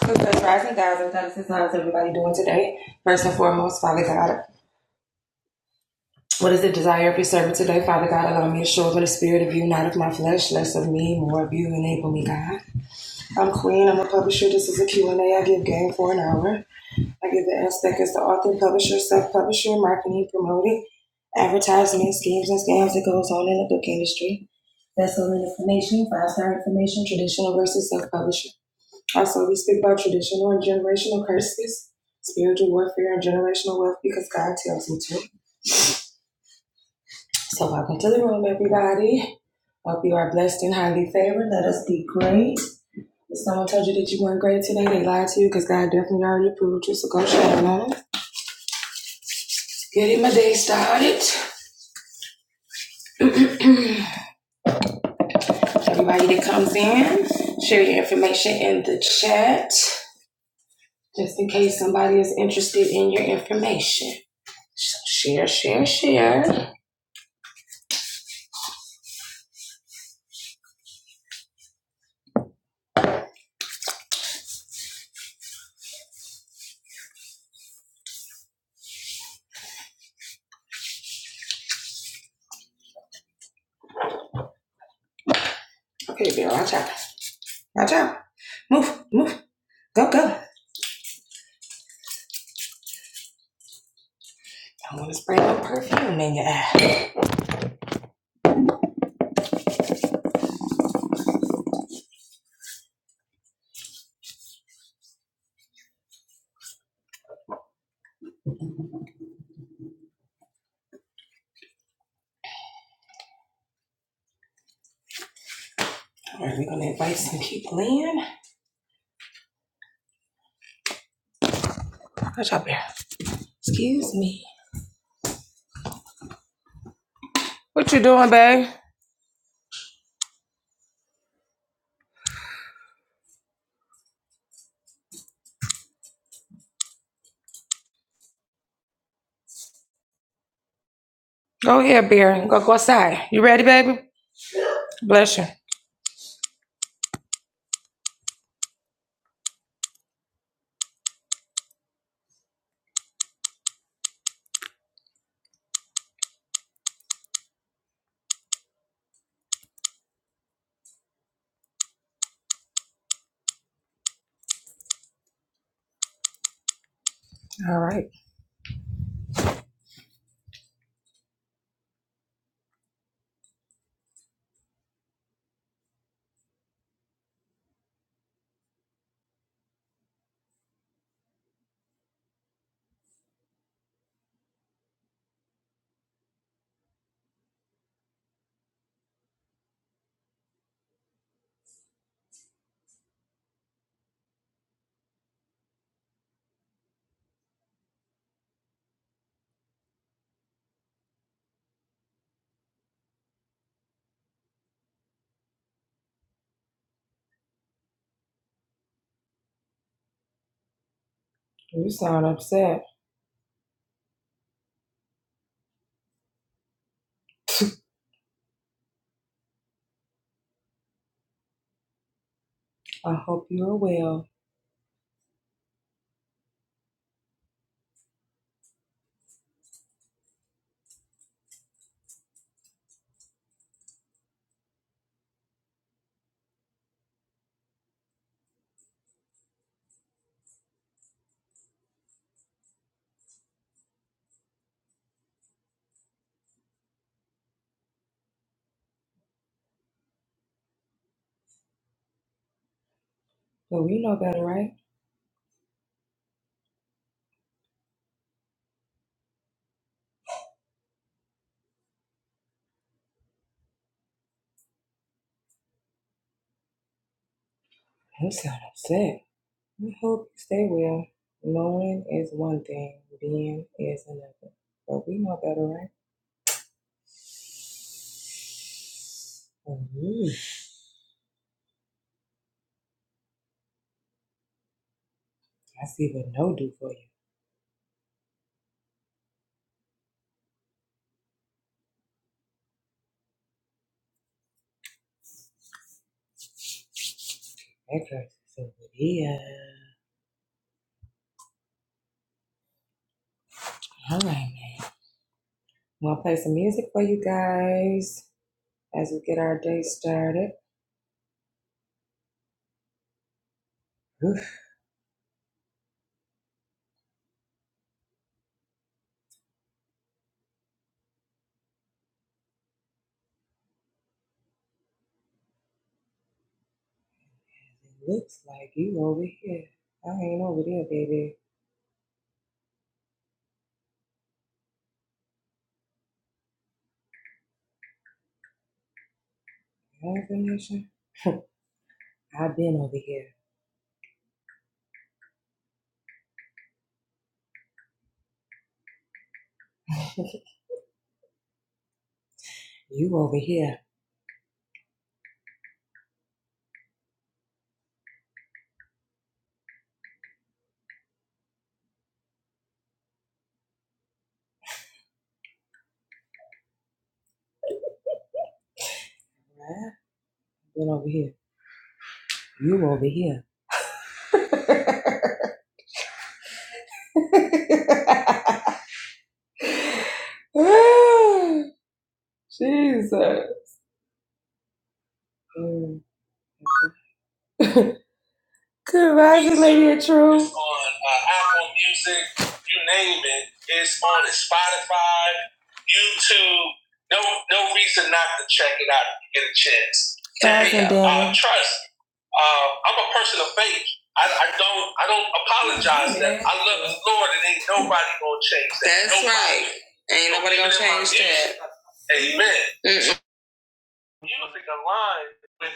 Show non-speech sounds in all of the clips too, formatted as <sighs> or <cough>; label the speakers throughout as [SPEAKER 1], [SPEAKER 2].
[SPEAKER 1] Because rising guys and goddesses, how is everybody doing today? First and foremost, Father God, what is the desire of your servant today? Father God, allow me to show up in the spirit of you, not of my flesh, less of me, more of you. Enable me, God. I'm Queen. I'm a publisher. This is a Q and A. I give game for an hour. I give the aspect as the author, publisher, self-publisher, marketing, promoting, advertisement, schemes and scams that goes on in the book industry. Vessel information, five-star information, traditional versus self-publisher. Also, we speak about traditional and generational curses, spiritual warfare, and generational wealth because God tells me to. So, welcome to the room, everybody. Hope you are blessed and highly favored. Let us be great. If someone told you that you weren't great today, they lied to you because God definitely already approved you. So, go shine on it. Getting my day started. <clears throat> everybody that comes in, share your information in the chat just in case somebody is interested in your information. So, share, share, share. Okay, girl, watch out. My job. Move, move, go, go. I'm gonna spray my perfume in your ass. All right, we're gonna invite some people in. Watch out, Bear. Excuse me. What you doing, babe? Go here, Bear. Go go outside. You ready, baby? Bless you. All right. You sound upset. I hope you are well. But we know better, right? You sound upset. We hope you stay well. Knowing is one thing, being is another. But we know better, right? Mhm. I see what no do for you. That curse is so good. Yeah. All right, man. I'm gonna play some music for you guys as we get our day started. Oof, it looks like you over here. I ain't over there, baby. You ain't I've been over here. <laughs> You over here, right? Been over here. You over here. <laughs> <sighs> Jesus. Mm. <laughs> Good rising, Lady of Truth. It's on uh, Apple Music, you name it. It's on Spotify, YouTube. No, no reason not to check it out if you get a chance. Rising And, uh, trust. Uh, I'm a person of faith. I, I don't. I don't apologize. Yeah. That I love the Lord, and ain't nobody gonna change That's nobody. right. Ain't nobody gonna change that. Amen. music aligns with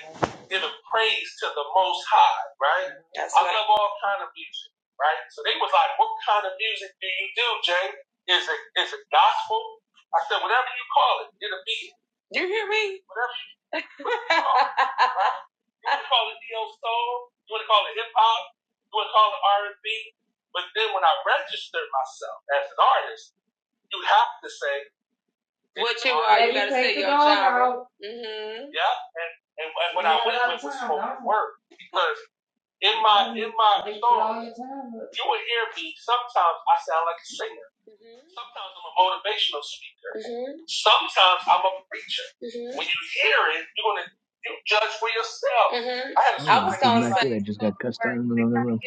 [SPEAKER 1] giving praise to the Most High, right? That's I right. love all kind of music, right? So they was like, "What kind of music do you do, Jay? Is it is it gospel?" I said, "Whatever you call it, it'll be it. whatever you call it. You want to call it neo soul? You want to call it hip hop? You want to call it R and B?" But then when I registered myself as an artist, you have to say, "Yeah." And and, and when I went with was spoken word because in my in my song. You will hear me. Sometimes I sound like a singer. Sometimes I'm a motivational speaker. Sometimes I'm a preacher. When you hear it, you're gonna you judge for yourself. I had a
[SPEAKER 2] Oh yeah, this is not good. I just got cussed out in another room.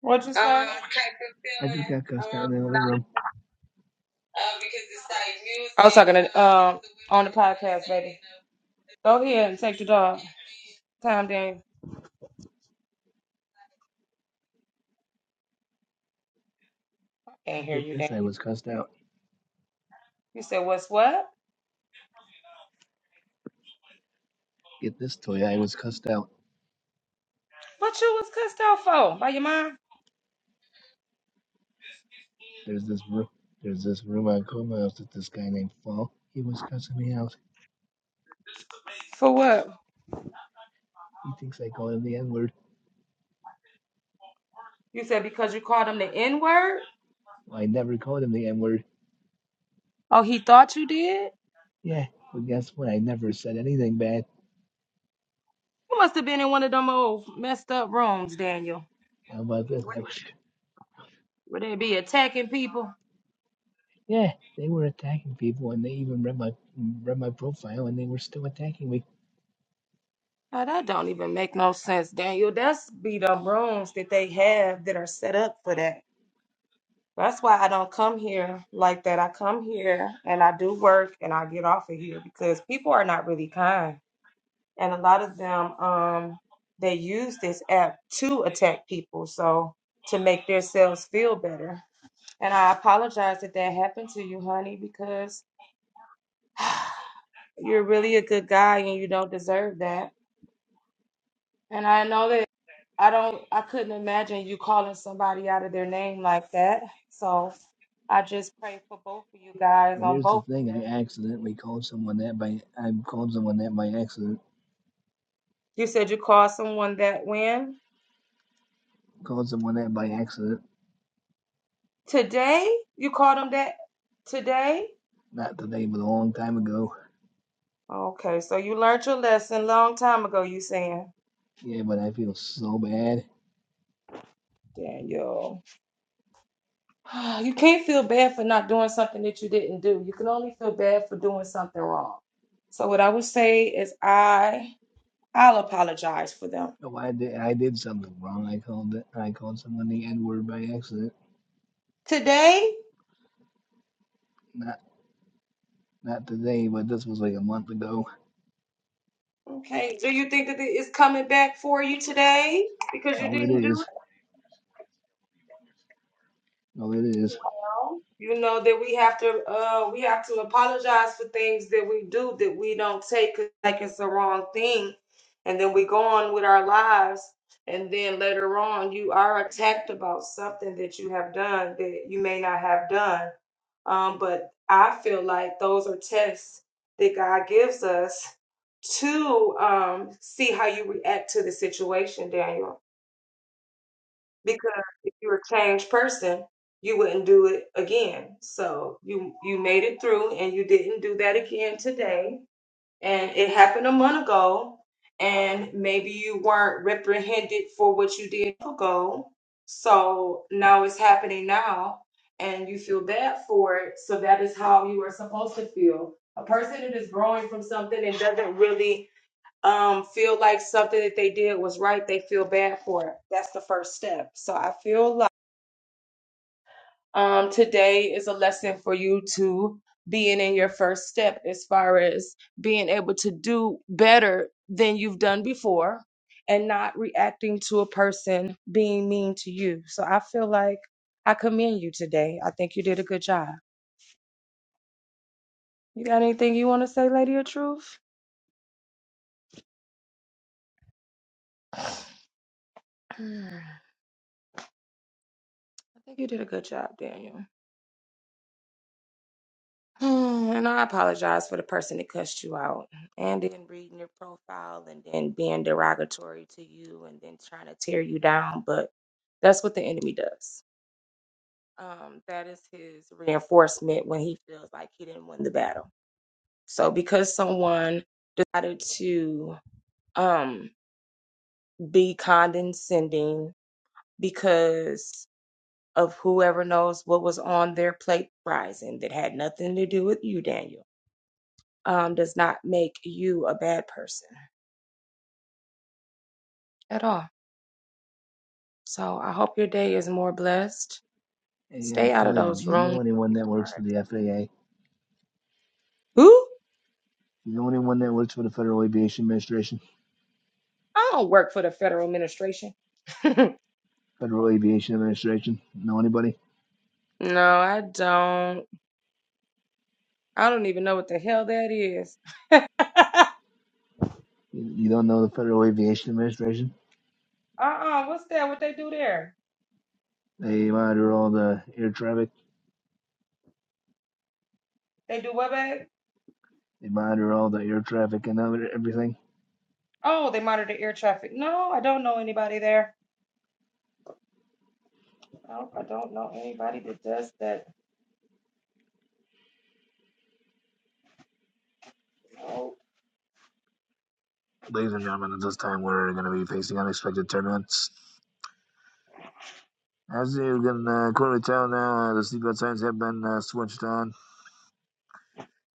[SPEAKER 1] what you say? Um, type of
[SPEAKER 2] I just
[SPEAKER 1] feeling
[SPEAKER 2] got cussed out in another room.
[SPEAKER 1] uh, because it's like music. I was talking to um on the podcast, baby. Go ahead and take your dog. Time, Dan. Can't
[SPEAKER 2] Look
[SPEAKER 1] hear
[SPEAKER 2] at
[SPEAKER 1] you,
[SPEAKER 2] this. I
[SPEAKER 1] Dan.
[SPEAKER 2] was cussed out.
[SPEAKER 1] You said what's what?
[SPEAKER 2] Get this toy. I was cussed out.
[SPEAKER 1] What you was cussed out for by your mom?
[SPEAKER 2] There's this room. There's this room on Clubhouse with this guy named Fall. He was cussing me out.
[SPEAKER 1] For what?
[SPEAKER 2] He thinks I called him the N word.
[SPEAKER 1] You said because you called him the N word.
[SPEAKER 2] Well, I never called him the N word.
[SPEAKER 1] Oh, he thought you did?
[SPEAKER 2] Yeah, but guess what? I never said anything bad.
[SPEAKER 1] You must have been in one of them old messed up rooms, Daniel.
[SPEAKER 2] How about this?
[SPEAKER 1] Where
[SPEAKER 2] I was.
[SPEAKER 1] they be attacking people?
[SPEAKER 2] Yeah, they were attacking people, and they even read my read my profile, and they were still attacking me.
[SPEAKER 1] Now, that don't even make no sense, Daniel. That's be the rooms that they have that are set up for that. That's why I don't come here like that. I come here and I do work and I get off of here because people are not really kind. And a lot of them, um, they use this app to attack people. So to make themselves feel better. And I apologize that that happened to you, honey, because <sighs> you're really a good guy and you don't deserve that. And I know that I don't, I couldn't imagine you calling somebody out of their name like that. So I just pray for both of you guys
[SPEAKER 2] Well,
[SPEAKER 1] on
[SPEAKER 2] here's the
[SPEAKER 1] both.
[SPEAKER 2] thing. I accidentally called someone that by I called someone that by accident
[SPEAKER 1] You said you called someone that when?
[SPEAKER 2] Called someone that by accident,
[SPEAKER 1] Today? You called them that today?
[SPEAKER 2] not today, but a long time ago.
[SPEAKER 1] Okay, so you learned your lesson long time ago, you saying,
[SPEAKER 2] Yeah, but I feel so bad.
[SPEAKER 1] Daniel. <sighs> You can't feel bad for not doing something that you didn't do. You can only feel bad for doing something wrong. So what I would say is I I'll apologize for them.
[SPEAKER 2] Oh, I did, I did something wrong. I called it. I called someone the N word by accident.
[SPEAKER 1] Today?
[SPEAKER 2] Not, not today, but this was like a month ago.
[SPEAKER 1] Okay. Do you think that it's coming back for you today because you
[SPEAKER 2] Oh, it
[SPEAKER 1] didn't do it?
[SPEAKER 2] is. Oh, it is.
[SPEAKER 1] well, you know that we have to uh we have to apologize for things that we do that we don't take 'cause, like it's the wrong thing and then we go on with our lives and then later on you are attacked about something that you have done that you may not have done um but i feel like those are tests that god gives us to um see how you react to the situation daniel because if you're a changed person, you wouldn't do it again. So you you made it through and you didn't do that again today. And it happened a month ago and maybe you weren't reprehended for what you did a month ago. So now it's happening now and you feel bad for it. So that is how you are supposed to feel. A person that is growing from something and doesn't really um feel like something that they did was right, they feel bad for it. That's the first step. So I feel like um today is a lesson for you to being in your first step as far as being able to do better than you've done before and not reacting to a person being mean to you. So I feel like I commend you today. I think you did a good job. You got anything you want to say, Lady of Truth? <clears throat> I think you did a good job, Daniel. <sighs> And I apologize for the person that cussed you out and then reading your profile and then being derogatory to you and then trying to tear you down. But that's what the enemy does. Um, that is his reinforcement when he feels like he didn't win the battle. So because someone decided to um, be condescending because of whoever knows what was on their plate rising that had nothing to do with you, Daniel um, does not make you a bad person at all. So I hope your day is more blessed.
[SPEAKER 2] Hey, uh,
[SPEAKER 1] Stay out of
[SPEAKER 2] Toya, do
[SPEAKER 1] those
[SPEAKER 2] you know
[SPEAKER 1] rooms where
[SPEAKER 2] anyone that
[SPEAKER 1] people
[SPEAKER 2] works for
[SPEAKER 1] are.
[SPEAKER 2] the FAA? Do
[SPEAKER 1] Who?
[SPEAKER 2] You know anyone that works for the Federal Aviation Administration?
[SPEAKER 1] I don't work for the federal administration. <laughs> no,
[SPEAKER 2] Federal Aviation Administration? Know anybody?
[SPEAKER 1] I don't. I don't even know what the hell that is.
[SPEAKER 2] You, you don't know the Federal Aviation Administration?
[SPEAKER 1] Uh uh what's that? What they do there?
[SPEAKER 2] They monitor all the air traffic
[SPEAKER 1] They do what,
[SPEAKER 2] They monitor all the air traffic and other- everything.
[SPEAKER 1] Oh, they monitor air traffic. No, I don't know anybody there. No, I don't know anybody that does that.
[SPEAKER 2] Ladies and gentlemen, at this time we're going to be facing unexpected turbulence. As you can uh, clearly tell now, uh, the seatbelt signs have been uh, switched on.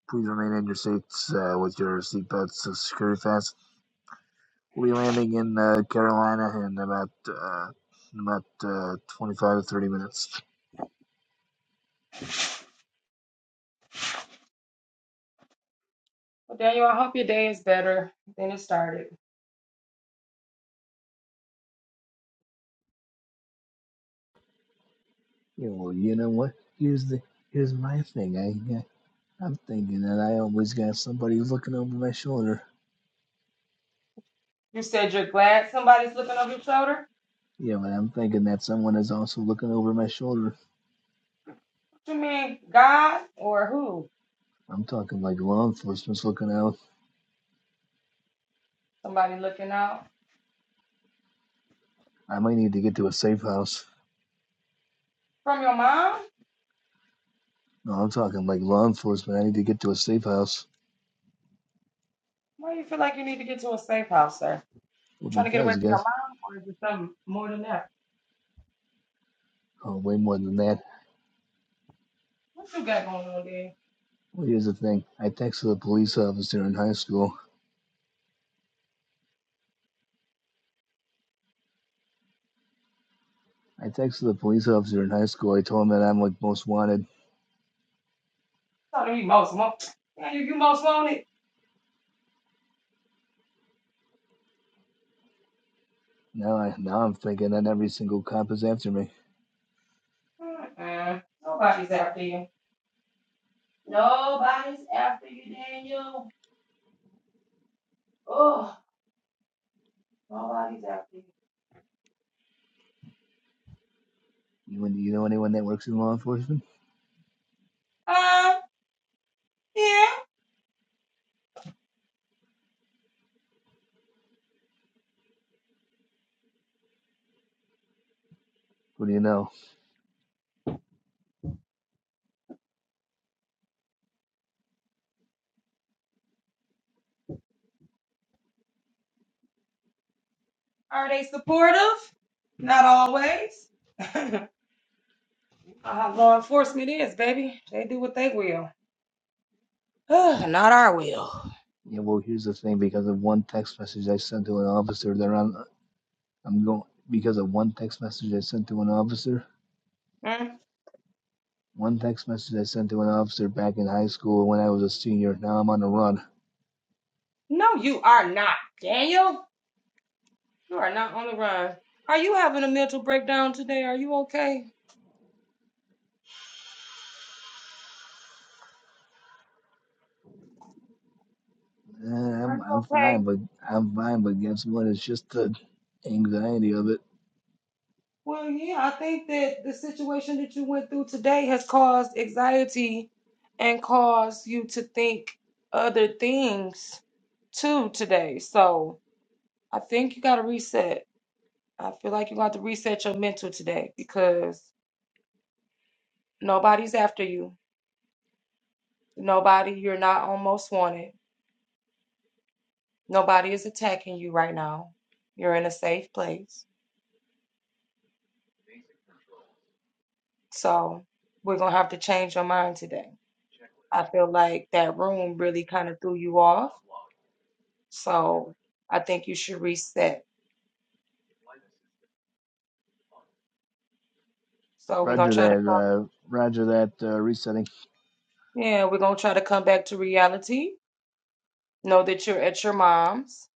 [SPEAKER 2] Please remain in your seats uh, with your seatbelts uh, secured fast. We'll be landing in uh, Carolina in about uh, in about uh, 25 to 30 minutes.
[SPEAKER 1] Well, Daniel, I hope your day is better than it started.
[SPEAKER 2] Yeah, well, you know what? Here's the here's my thing. I uh, I'm thinking that I always got somebody looking over my shoulder.
[SPEAKER 1] You said
[SPEAKER 2] Yeah, man, I'm thinking that someone is also looking over my shoulder.
[SPEAKER 1] you need
[SPEAKER 2] I'm talking like law enforcement's looking out.
[SPEAKER 1] somebody now.
[SPEAKER 2] I might need to get to a safe house.
[SPEAKER 1] From your mom?
[SPEAKER 2] No, I'm talking like law enforcement. I need to get to a safe house.
[SPEAKER 1] Why do you feel like you need to get to a safe house, sir?
[SPEAKER 2] Well,
[SPEAKER 1] You trying to get away
[SPEAKER 2] because, I
[SPEAKER 1] from your
[SPEAKER 2] guess,
[SPEAKER 1] mom or is it something more than that?
[SPEAKER 2] oh, way more than that.
[SPEAKER 1] What you got going on there?
[SPEAKER 2] Well, here's the thing. I texted a police officer in high school. I texted the police officer in high school. I told him that I'm like most wanted.
[SPEAKER 1] Thought to me most want yeah, you, you most want it.
[SPEAKER 2] Now, I now I'm thinking that every single cop is after me.
[SPEAKER 1] Mm-mm. Nobody's after you. Nobody's after you, Daniel. Oh, nobody's after you.
[SPEAKER 2] You, you know anyone that works in law enforcement?
[SPEAKER 1] Um, yeah.
[SPEAKER 2] What do you know?
[SPEAKER 1] Are they supportive? Not always. Uh, law enforcement is, baby. They do what they will. <sighs> Ugh.
[SPEAKER 2] Yeah, well, here's the thing. Because of one text message I sent to an officer, they're on. I'm going because of one text message I sent to an officer. One text message I sent to an officer back in high school when I was a senior. Now I'm on the run.
[SPEAKER 1] no, you are not, Daniel. You are not on the run. Are you having a mental breakdown today? Are you okay?
[SPEAKER 2] Eh,
[SPEAKER 1] Are
[SPEAKER 2] I'm
[SPEAKER 1] you
[SPEAKER 2] I'm
[SPEAKER 1] okay?
[SPEAKER 2] fine, but I'm fine. But guess what? It's just the anxiety of it.
[SPEAKER 1] Well, yeah, I think that the situation that you went through today has caused anxiety and caused you to think other things too today. So I think you got to reset. I feel like you got to reset your mental today because nobody's after you. Nobody, you're not almost wanted. Nobody is attacking you right now. You're in a safe place So we're gonna have to change your mind today. I feel like that room really kind of threw you off. So I think you should reset. So we're gonna
[SPEAKER 2] Roger
[SPEAKER 1] try to
[SPEAKER 2] that.
[SPEAKER 1] come,
[SPEAKER 2] Uh, roger that. Uh, resetting.
[SPEAKER 1] yeah, we're gonna try to come back to reality. Know that you're at your mom's,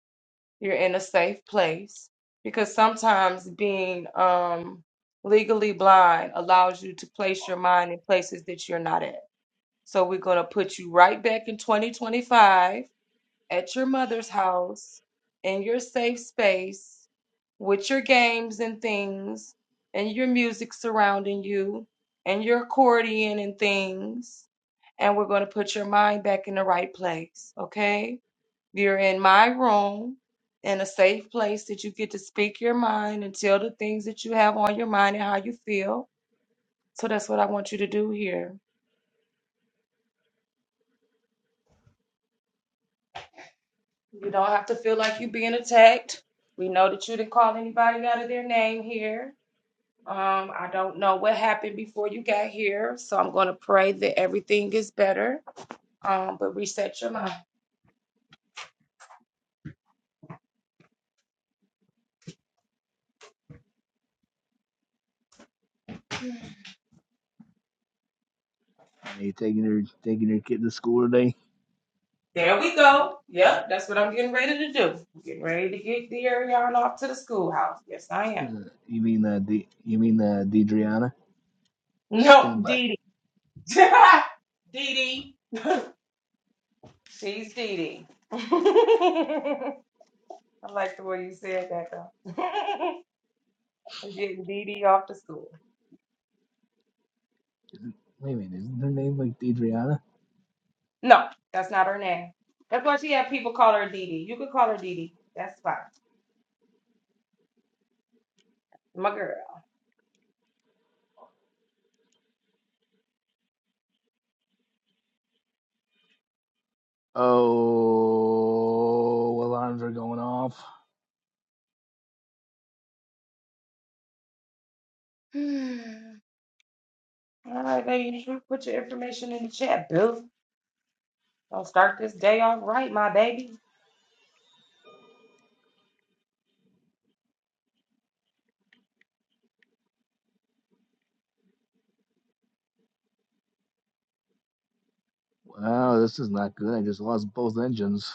[SPEAKER 1] you're in a safe place. Because sometimes being um legally blind allows you to place your mind in places that you're not at. So we're gonna put you right back in 2025 at your mother's house in your safe space with your games and things and your music surrounding you and your accordion and things. And we're going to put your mind back in the right place, okay? You're in my room in a safe place that you get to speak your mind and tell the things that you have on your mind and how you feel. So that's what I want you to do here. You don't have to feel like you're being attacked. We know that you didn't call anybody out of their name here Um, I don't know what happened before you got here, so I'm going to pray that everything is better. Um, but reset your mind.
[SPEAKER 2] Yeah, you taking your taking your kid to school today?
[SPEAKER 1] There we go. Yep, that's what I'm getting ready to do. I'm getting ready to get the Ariana off to the schoolhouse. Yes, I am.
[SPEAKER 2] Uh, you mean uh, D, you mean uh, Deidreana?
[SPEAKER 1] No,
[SPEAKER 2] Stand by.
[SPEAKER 1] Dee Dee. <laughs> Dee Dee. She's Dee Dee. I like the way you said that, though. <laughs> We're getting Dee Dee off to school.
[SPEAKER 2] Wait a minute. Isn't her name like Deidreana?
[SPEAKER 1] No, that's not her name. That's why she had people call her Dee Dee. You could call her Dee Dee. That's fine. My girl.
[SPEAKER 2] Oh, alarms are going off. Wow, this is not good. I just lost both engines.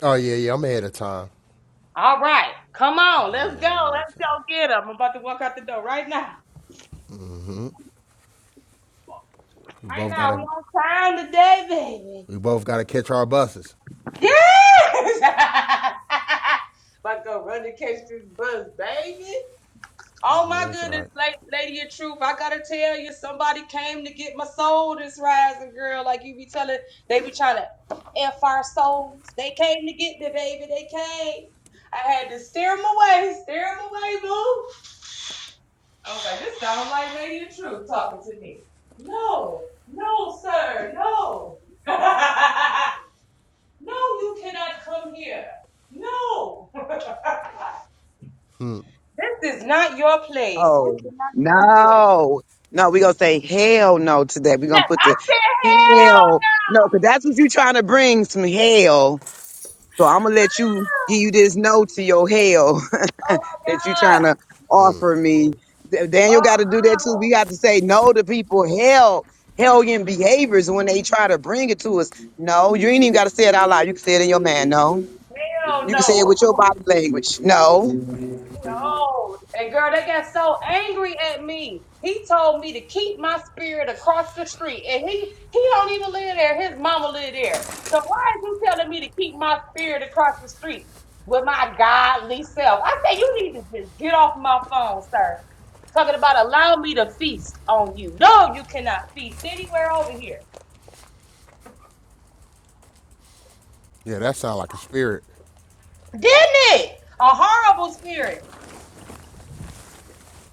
[SPEAKER 3] Oh yeah, yeah. I'm ahead of time.
[SPEAKER 1] Oh, come
[SPEAKER 3] Yeah, I'm ahead of time.
[SPEAKER 1] on.
[SPEAKER 3] We
[SPEAKER 1] I
[SPEAKER 3] both
[SPEAKER 1] know
[SPEAKER 3] gotta,
[SPEAKER 1] we on time today, baby.
[SPEAKER 3] we both gotta catch our buses.
[SPEAKER 1] Yes. <laughs> About to go run and catch this bus, baby. Oh
[SPEAKER 3] Oh,
[SPEAKER 1] my
[SPEAKER 3] that's
[SPEAKER 1] goodness,
[SPEAKER 3] right.
[SPEAKER 1] lady, lady of truth, I gotta tell you, somebody came to get my soul this rising, girl. Like you be telling, they be trying to f our souls. They came to get me, baby. They came. I had to steer them away, steer them away, boo. I was like, this sounds like lady of truth talking to me. No, no, <laughs> no, no,
[SPEAKER 4] Oh no, no, we gonna say hell no to that. we gonna put the hell no, because that's what you trying to bring some hell. So I'm gonna let you give you this no to your hell <laughs> that you trying to offer me. Da- Daniel got to do that too. We got to say no to people hell hellion behaviors when they try to bring it to us. No, you ain't even got to say it out loud. You can say it in your man. No,
[SPEAKER 1] hell
[SPEAKER 4] you can say it
[SPEAKER 1] no.
[SPEAKER 4] with your body language. No.
[SPEAKER 1] No, and girl, they got so angry at me. He told me to keep my spirit across the street, and he he don't even live there. His mama live there. So why is he telling me to keep my spirit across the street with my godly self? I say you need to just get off my phone, sir. Talking about allow me to feast on you. No, you cannot feast anywhere over here.
[SPEAKER 3] Yeah, that sound like a spirit.
[SPEAKER 1] Didn't it? A horrible spirit.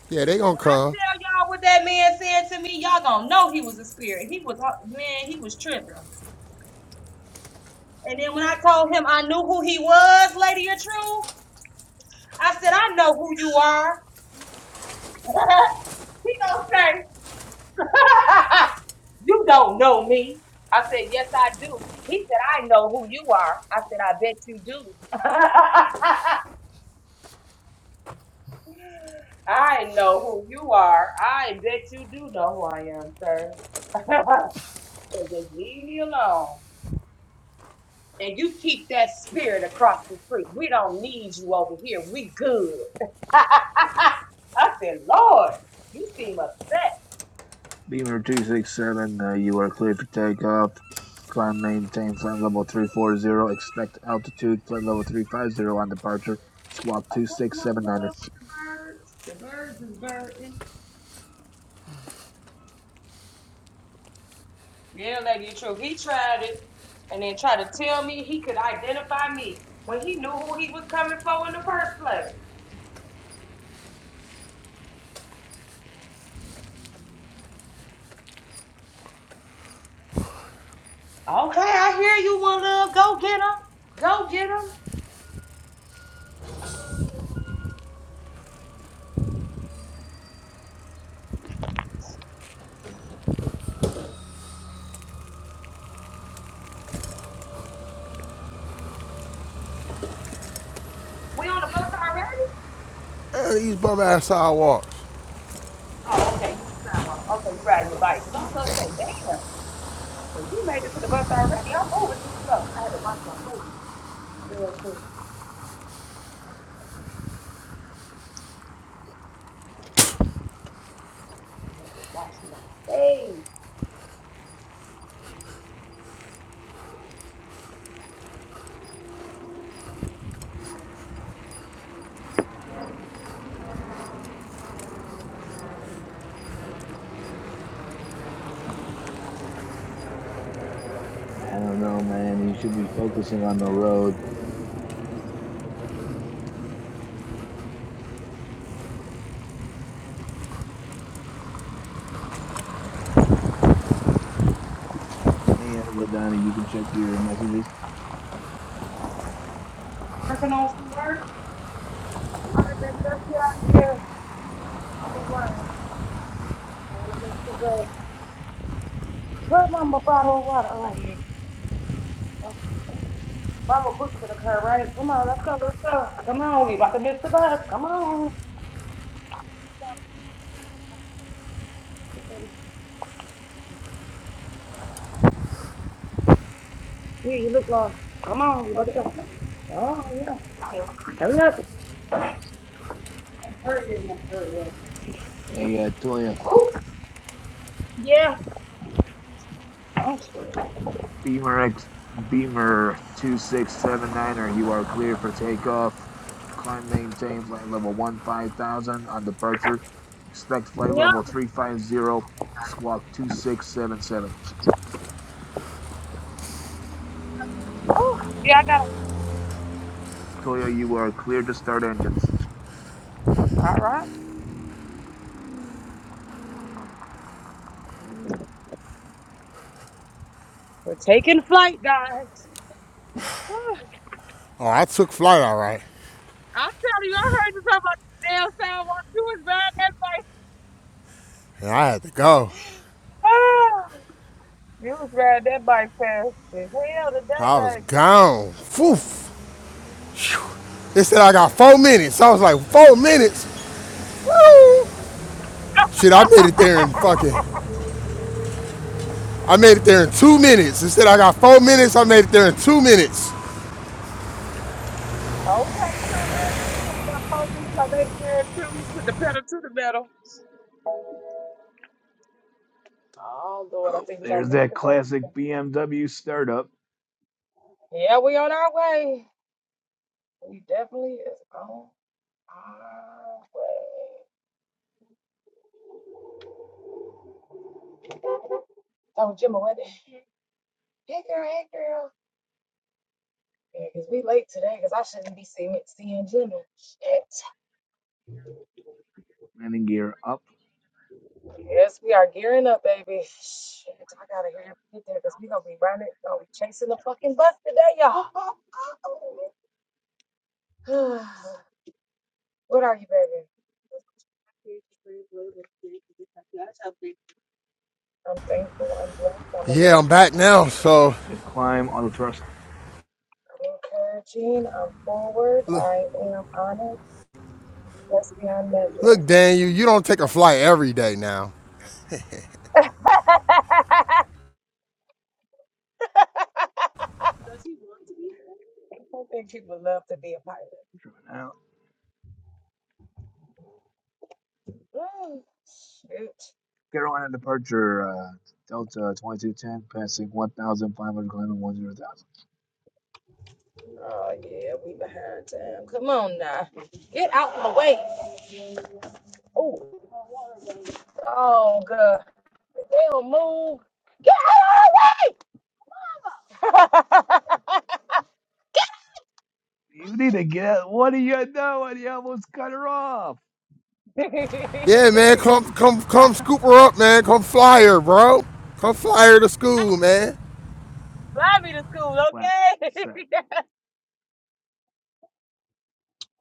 [SPEAKER 3] Yeah, they gonna
[SPEAKER 1] When I
[SPEAKER 3] come.
[SPEAKER 1] tell y'all what that man said to me, y'all gonna know he was a spirit. He was uh, man, he was tripping. And then when I told him I knew who he was, Lady of Truth, I said, I know who you are. <laughs> He gonna say, <laughs> You don't know me. I said, Yes, I do. He said, I know who you are. I said, I bet you do. <laughs> I know who you are. I bet you do know who I am, sir. <laughs> So just leave me alone. and you keep that spirit across the street. We don't need you over here. We good. <laughs> I said, Lord, you seem upset.
[SPEAKER 2] Beamer 267, uh, you are cleared for takeoff. Climb maintain flight level 340. Expect altitude flight level 350 on departure. Squawk
[SPEAKER 1] Okay,
[SPEAKER 2] two
[SPEAKER 1] you
[SPEAKER 2] six
[SPEAKER 1] want to
[SPEAKER 2] seven
[SPEAKER 1] go
[SPEAKER 2] er
[SPEAKER 1] out with the birds? The birds is birding. Yeah, lady, the truth. He tried it and then tried to tell me he could identify me when he knew who he was coming for in the first place. Okay, I hear you, one love. Go get him. Go get him. We on the bus already?
[SPEAKER 3] Eh, these bum ass sidewalks.
[SPEAKER 1] Oh, okay. You on the sidewalk. Okay, you riding your bike. Because I was going to say, damn. And you made it to the bus already. I'm moving too slow. I had to wash my face real quick. I had to wash my face.
[SPEAKER 2] I don't know, man. You should be focusing on the road. Hey, uh, Ladonna, you can check your messages.
[SPEAKER 1] Working on some work. I'm gonna just get out of here. I'm gonna run. I'm gonna make sure good. Where's my bottle of water? Oh, right here. Oh, Mama booked for the car, right? Come on, let's go, let's go. Come on, we about to miss the bus. Come on. Here, you look lost. Come on, we about to go. Oh, yeah. Hurry up. Hurry up, hurry up.
[SPEAKER 2] Hey, uh, Toya.
[SPEAKER 1] Yeah. Oh,
[SPEAKER 2] Beamer X Beamer two six seven nine er, you are clear for takeoff. Climb maintain flight level one five thousand on departure. Expect flight
[SPEAKER 1] yeah.
[SPEAKER 2] level three five zero. Squawk two six seven seven.
[SPEAKER 1] Oh, yeah, I got it.
[SPEAKER 2] Toya, you are clear to start engines.
[SPEAKER 1] All right. We're taking flight, guys. Ah,
[SPEAKER 3] Oh, I took flight all right,
[SPEAKER 1] I tell you, I heard you talk about the damn sidewalk. You was riding that bike.
[SPEAKER 3] and I had to go.
[SPEAKER 1] Ah, you was riding that bike fast as hell today,
[SPEAKER 3] I was
[SPEAKER 1] baby.
[SPEAKER 3] gone. Foof. They said I got four minutes. I was like, four minutes? <laughs> Shit, I made it there in fucking. I made it there in two minutes. Instead, I got four minutes. I made it there in two minutes.
[SPEAKER 1] Okay, too, man. You done got four minutes. I made it there too. You put the pedal to the metal. Oh Lord, I
[SPEAKER 2] Oh,
[SPEAKER 1] think we gonna
[SPEAKER 2] there's
[SPEAKER 1] move
[SPEAKER 2] that
[SPEAKER 1] it up.
[SPEAKER 2] classic BMW startup.
[SPEAKER 1] Yeah, we on our way. We definitely is on our way. Oh, Jimmy, what? the Hey girl, hey girl. Yeah, 'cause we late today 'cause I shouldn't be seeing seeing Jimmy. Shit.
[SPEAKER 2] Landing gear up
[SPEAKER 1] Yes, we are gearing up, baby. Shit, I gotta hear you get there because we gonna be running, gonna be chasing the fucking bus today, y'all. <sighs> what are you, baby? I'm thankful. I'm blessed. I'm
[SPEAKER 3] Yeah, I'm
[SPEAKER 1] amazed.
[SPEAKER 3] back now. So
[SPEAKER 2] to climb auto thrust.
[SPEAKER 1] I'm encouraging. I'm forward. I am honored. That's beyond measure. <laughs>
[SPEAKER 3] Look, Dan, you, you don't take a flight every day now.
[SPEAKER 1] I think people love to be a pilot.
[SPEAKER 2] out.
[SPEAKER 1] <sighs> Shoot.
[SPEAKER 2] Carolina departure. Uh, Delta twenty two ten passing one thousand five hundred climbing one zero thousand.
[SPEAKER 1] Oh yeah, we behind time. Come on now, get out the way. Oh, oh god, If they don't move. Get out of
[SPEAKER 2] You need to get What are you doing? You almost cut her off.
[SPEAKER 3] Yeah, man,
[SPEAKER 1] the way.
[SPEAKER 3] come
[SPEAKER 1] <laughs>
[SPEAKER 3] come
[SPEAKER 1] Now,
[SPEAKER 3] come scoop her up, man. Come fly her, bro. Come fly her to school, man.
[SPEAKER 1] fly me to school,
[SPEAKER 2] Flaps
[SPEAKER 1] okay? <laughs>
[SPEAKER 2] set.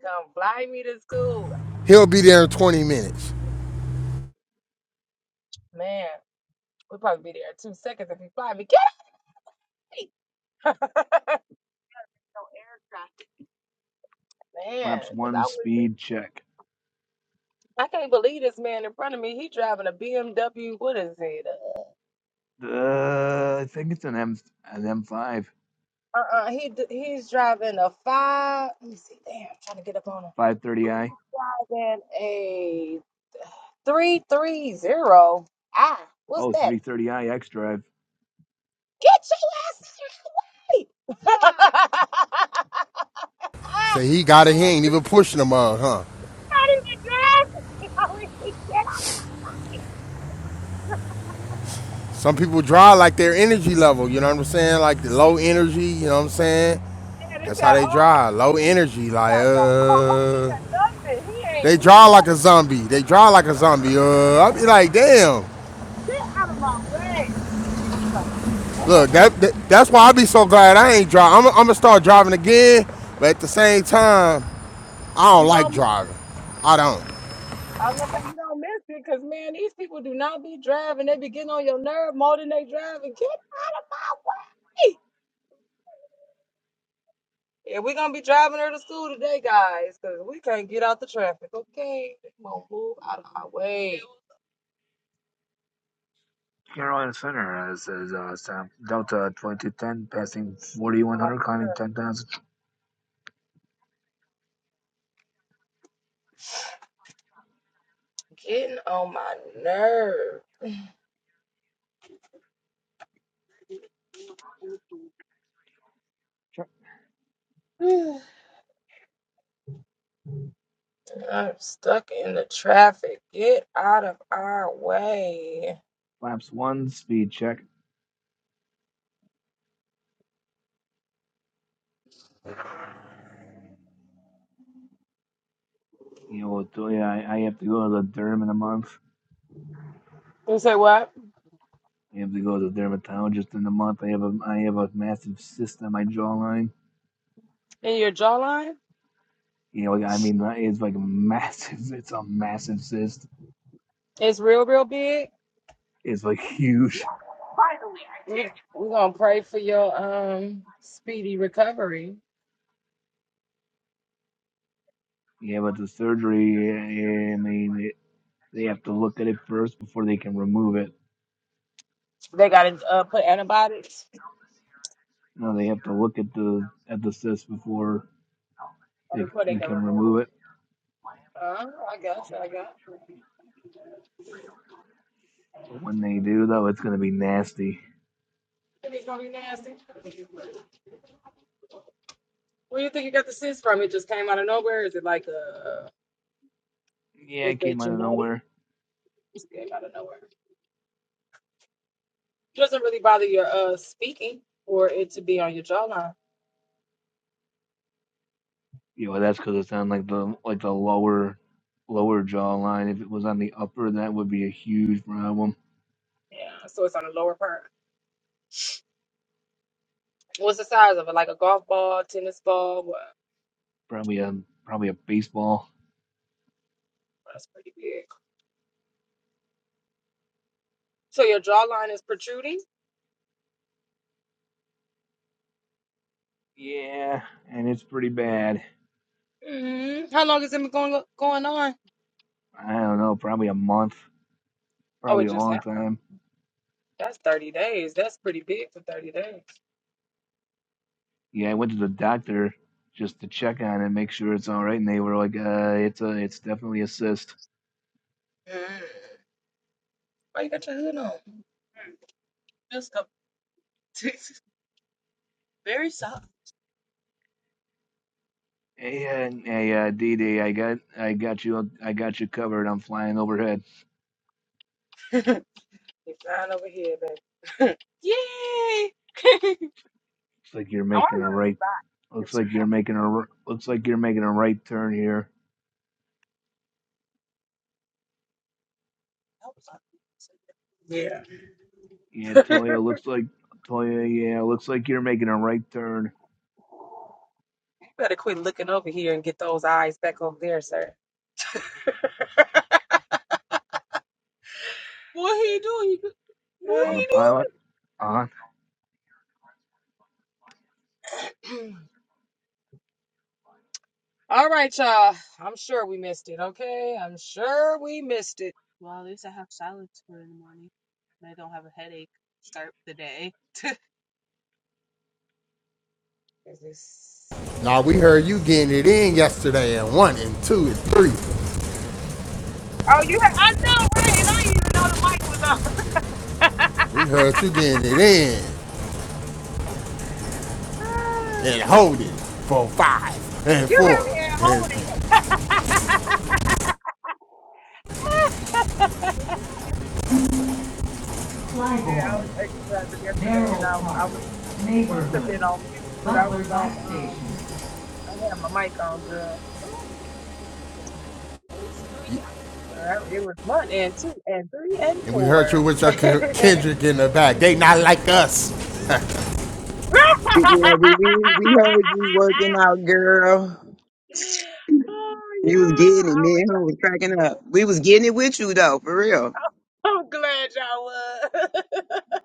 [SPEAKER 1] Come fly me to school,
[SPEAKER 3] He'll be there in 20 minutes.
[SPEAKER 1] man. We'll probably be there in two seconds if you fly me. Get me, <laughs> No air traffic. <laughs> man.
[SPEAKER 2] Flaps
[SPEAKER 1] Cause
[SPEAKER 2] one
[SPEAKER 1] I was,
[SPEAKER 2] speed check.
[SPEAKER 1] I can't believe this man in front of me. He driving a BMW. What is it? Uh,
[SPEAKER 2] Uh, I think it's an M an M5.
[SPEAKER 1] Uh-uh. He d- he's driving a five. Let me see. Damn, I'm trying to get up on him.
[SPEAKER 2] 530i.
[SPEAKER 1] Driving a three three zero. Ah, what's
[SPEAKER 2] oh
[SPEAKER 1] that?
[SPEAKER 2] three thirty i X drive.
[SPEAKER 1] Get your ass out of the way! <laughs> I
[SPEAKER 3] Say he got it, he
[SPEAKER 1] was
[SPEAKER 3] ain't
[SPEAKER 1] just
[SPEAKER 3] even pushing them mug, huh?
[SPEAKER 1] trying to drive. <laughs> I was like, get out of there.
[SPEAKER 3] Some people drive like their energy level, you know what I'm saying? Like the low energy, you know what I'm saying?
[SPEAKER 1] It's
[SPEAKER 3] That's how
[SPEAKER 1] that
[SPEAKER 3] they
[SPEAKER 1] old
[SPEAKER 3] drive. Low
[SPEAKER 1] man. He ain't
[SPEAKER 3] energy, like
[SPEAKER 1] got no coffee
[SPEAKER 3] uh
[SPEAKER 1] or nothing. He ain't.
[SPEAKER 3] they
[SPEAKER 1] He ain't
[SPEAKER 3] drive
[SPEAKER 1] got.
[SPEAKER 3] like a
[SPEAKER 1] to
[SPEAKER 3] zombie. They drive like a zombie. Uh I be like, damn.
[SPEAKER 1] Get out of my way.
[SPEAKER 3] Look,
[SPEAKER 1] <laughs>
[SPEAKER 3] that, that that's why I be so glad I ain't drive. I'm, I'm gonna start driving again, but at the same time, I don't
[SPEAKER 1] You
[SPEAKER 3] like
[SPEAKER 1] know
[SPEAKER 3] driving. I don't.
[SPEAKER 1] I was like, "Nah, you don't miss it, cause man, these people do not be driving. They be getting on your nerve more than they driving. Get out of my way. Yeah, we're gonna be driving her to school today, guys, cause we can't get out the traffic. Okay, Come on, out of the way.
[SPEAKER 2] Carolina Center uh, says uh, Sam Delta 2210 passing 4100 climbing 10,000. Check. Flaps one speed check. You know, what, do I, I have to go to the derm in a month.
[SPEAKER 1] You say what?
[SPEAKER 2] I have to go to the dermatologist in a month. I have a I have a massive cyst on my jawline.
[SPEAKER 1] In your jawline,
[SPEAKER 2] You know, like, I mean, it's like massive. <laughs> It's a massive cyst.
[SPEAKER 1] it's real, real big.
[SPEAKER 2] It's like huge.
[SPEAKER 1] We- We're gonna pray for your um speedy recovery.
[SPEAKER 2] Yeah, but the surgery, I mean, it, they have to look at it first before they can remove it. You know, they have to look at the at the cyst before
[SPEAKER 1] Oh,
[SPEAKER 2] they,
[SPEAKER 1] Before they
[SPEAKER 2] we
[SPEAKER 1] can
[SPEAKER 2] can
[SPEAKER 1] remove it.
[SPEAKER 2] remove it.
[SPEAKER 1] Uh, I got you. I got.
[SPEAKER 2] But when they do, though, it's gonna be nasty.
[SPEAKER 1] You. It's gonna be nasty. Where do you think you got the cyst from? It just came out of nowhere. Is it like a?
[SPEAKER 2] Yeah,
[SPEAKER 1] Is
[SPEAKER 2] it came
[SPEAKER 1] it
[SPEAKER 2] out of
[SPEAKER 1] genetic?
[SPEAKER 2] nowhere.
[SPEAKER 1] came out of nowhere. It doesn't really bother your uh speaking or it to be on your jawline.
[SPEAKER 2] You know, that's because it's on like the like the lower lower jawline. If it was on the upper, that would be a huge problem.
[SPEAKER 1] Yeah, so it's on the lower part. What's the size of it? Like a golf ball, tennis ball? What?
[SPEAKER 2] Probably a probably a baseball.
[SPEAKER 1] That's pretty big. So your jawline is protruding.
[SPEAKER 2] Yeah, and it's pretty bad.
[SPEAKER 1] Mm, how long has it been going going on?
[SPEAKER 2] I don't know, probably a month,
[SPEAKER 1] Oh,
[SPEAKER 2] probably
[SPEAKER 1] it
[SPEAKER 2] a
[SPEAKER 1] just
[SPEAKER 2] long
[SPEAKER 1] happened.
[SPEAKER 2] time.
[SPEAKER 1] That's thirty days. That's pretty big for thirty days.
[SPEAKER 2] Yeah, I went to the doctor just to check on it, make sure it's all right, and they were like, "Uh, it's a, it's definitely a cyst."
[SPEAKER 1] Mm. Why you got your hood on? Mm, Just a <laughs> very soft.
[SPEAKER 2] Hey, uh, hey, uh, Dee Dee, I got, I got you, I got you covered. I'm flying overhead.
[SPEAKER 1] You're flying over here, baby.
[SPEAKER 2] Looks like you're making a right. Looks like you're making a. r- Looks like you're making a right turn here. Yeah, Toya, looks like Toya. Yeah, looks like you're making a right turn
[SPEAKER 1] You better quit looking over here and get those eyes back over there, sir. What he do? He do-
[SPEAKER 2] on
[SPEAKER 1] what
[SPEAKER 2] the
[SPEAKER 1] he
[SPEAKER 2] pilot. Uh huh.
[SPEAKER 1] All right, y'all. I'm sure we missed it, okay? I'm sure we missed it.
[SPEAKER 3] Now we heard you getting it in yesterday, and one, and two, and three.
[SPEAKER 1] Oh, you had, I know, right? And I didn't even know the mic was on.
[SPEAKER 3] We heard you getting it in and hold it for five and
[SPEAKER 1] <laughs> you had
[SPEAKER 3] four.
[SPEAKER 1] me at
[SPEAKER 3] And
[SPEAKER 1] hold it. <laughs> yeah, I
[SPEAKER 3] Clybourne,
[SPEAKER 1] was exercising yesterday and
[SPEAKER 3] Merrill
[SPEAKER 1] I,
[SPEAKER 3] Park,
[SPEAKER 1] I was supposed to have been on mute,
[SPEAKER 3] Neighborhood,
[SPEAKER 1] but I
[SPEAKER 3] Butler
[SPEAKER 1] was
[SPEAKER 3] Bike
[SPEAKER 1] on,
[SPEAKER 3] Station.
[SPEAKER 1] um, I had my mic on, girl. Ooh, at least you know you got it. Uh, It was one and two and three and
[SPEAKER 3] And we heard you
[SPEAKER 1] four.
[SPEAKER 3] with your Kendrick in the back. They not like us.
[SPEAKER 4] We, yeah, we, we, we heard you
[SPEAKER 1] <laughs>
[SPEAKER 4] working out, girl.
[SPEAKER 1] Oh
[SPEAKER 4] You was
[SPEAKER 1] yeah,
[SPEAKER 4] getting it, man. I was cracking up. We was getting it with you though, for real.
[SPEAKER 1] I was trying to <laughs> I'm glad y'all was.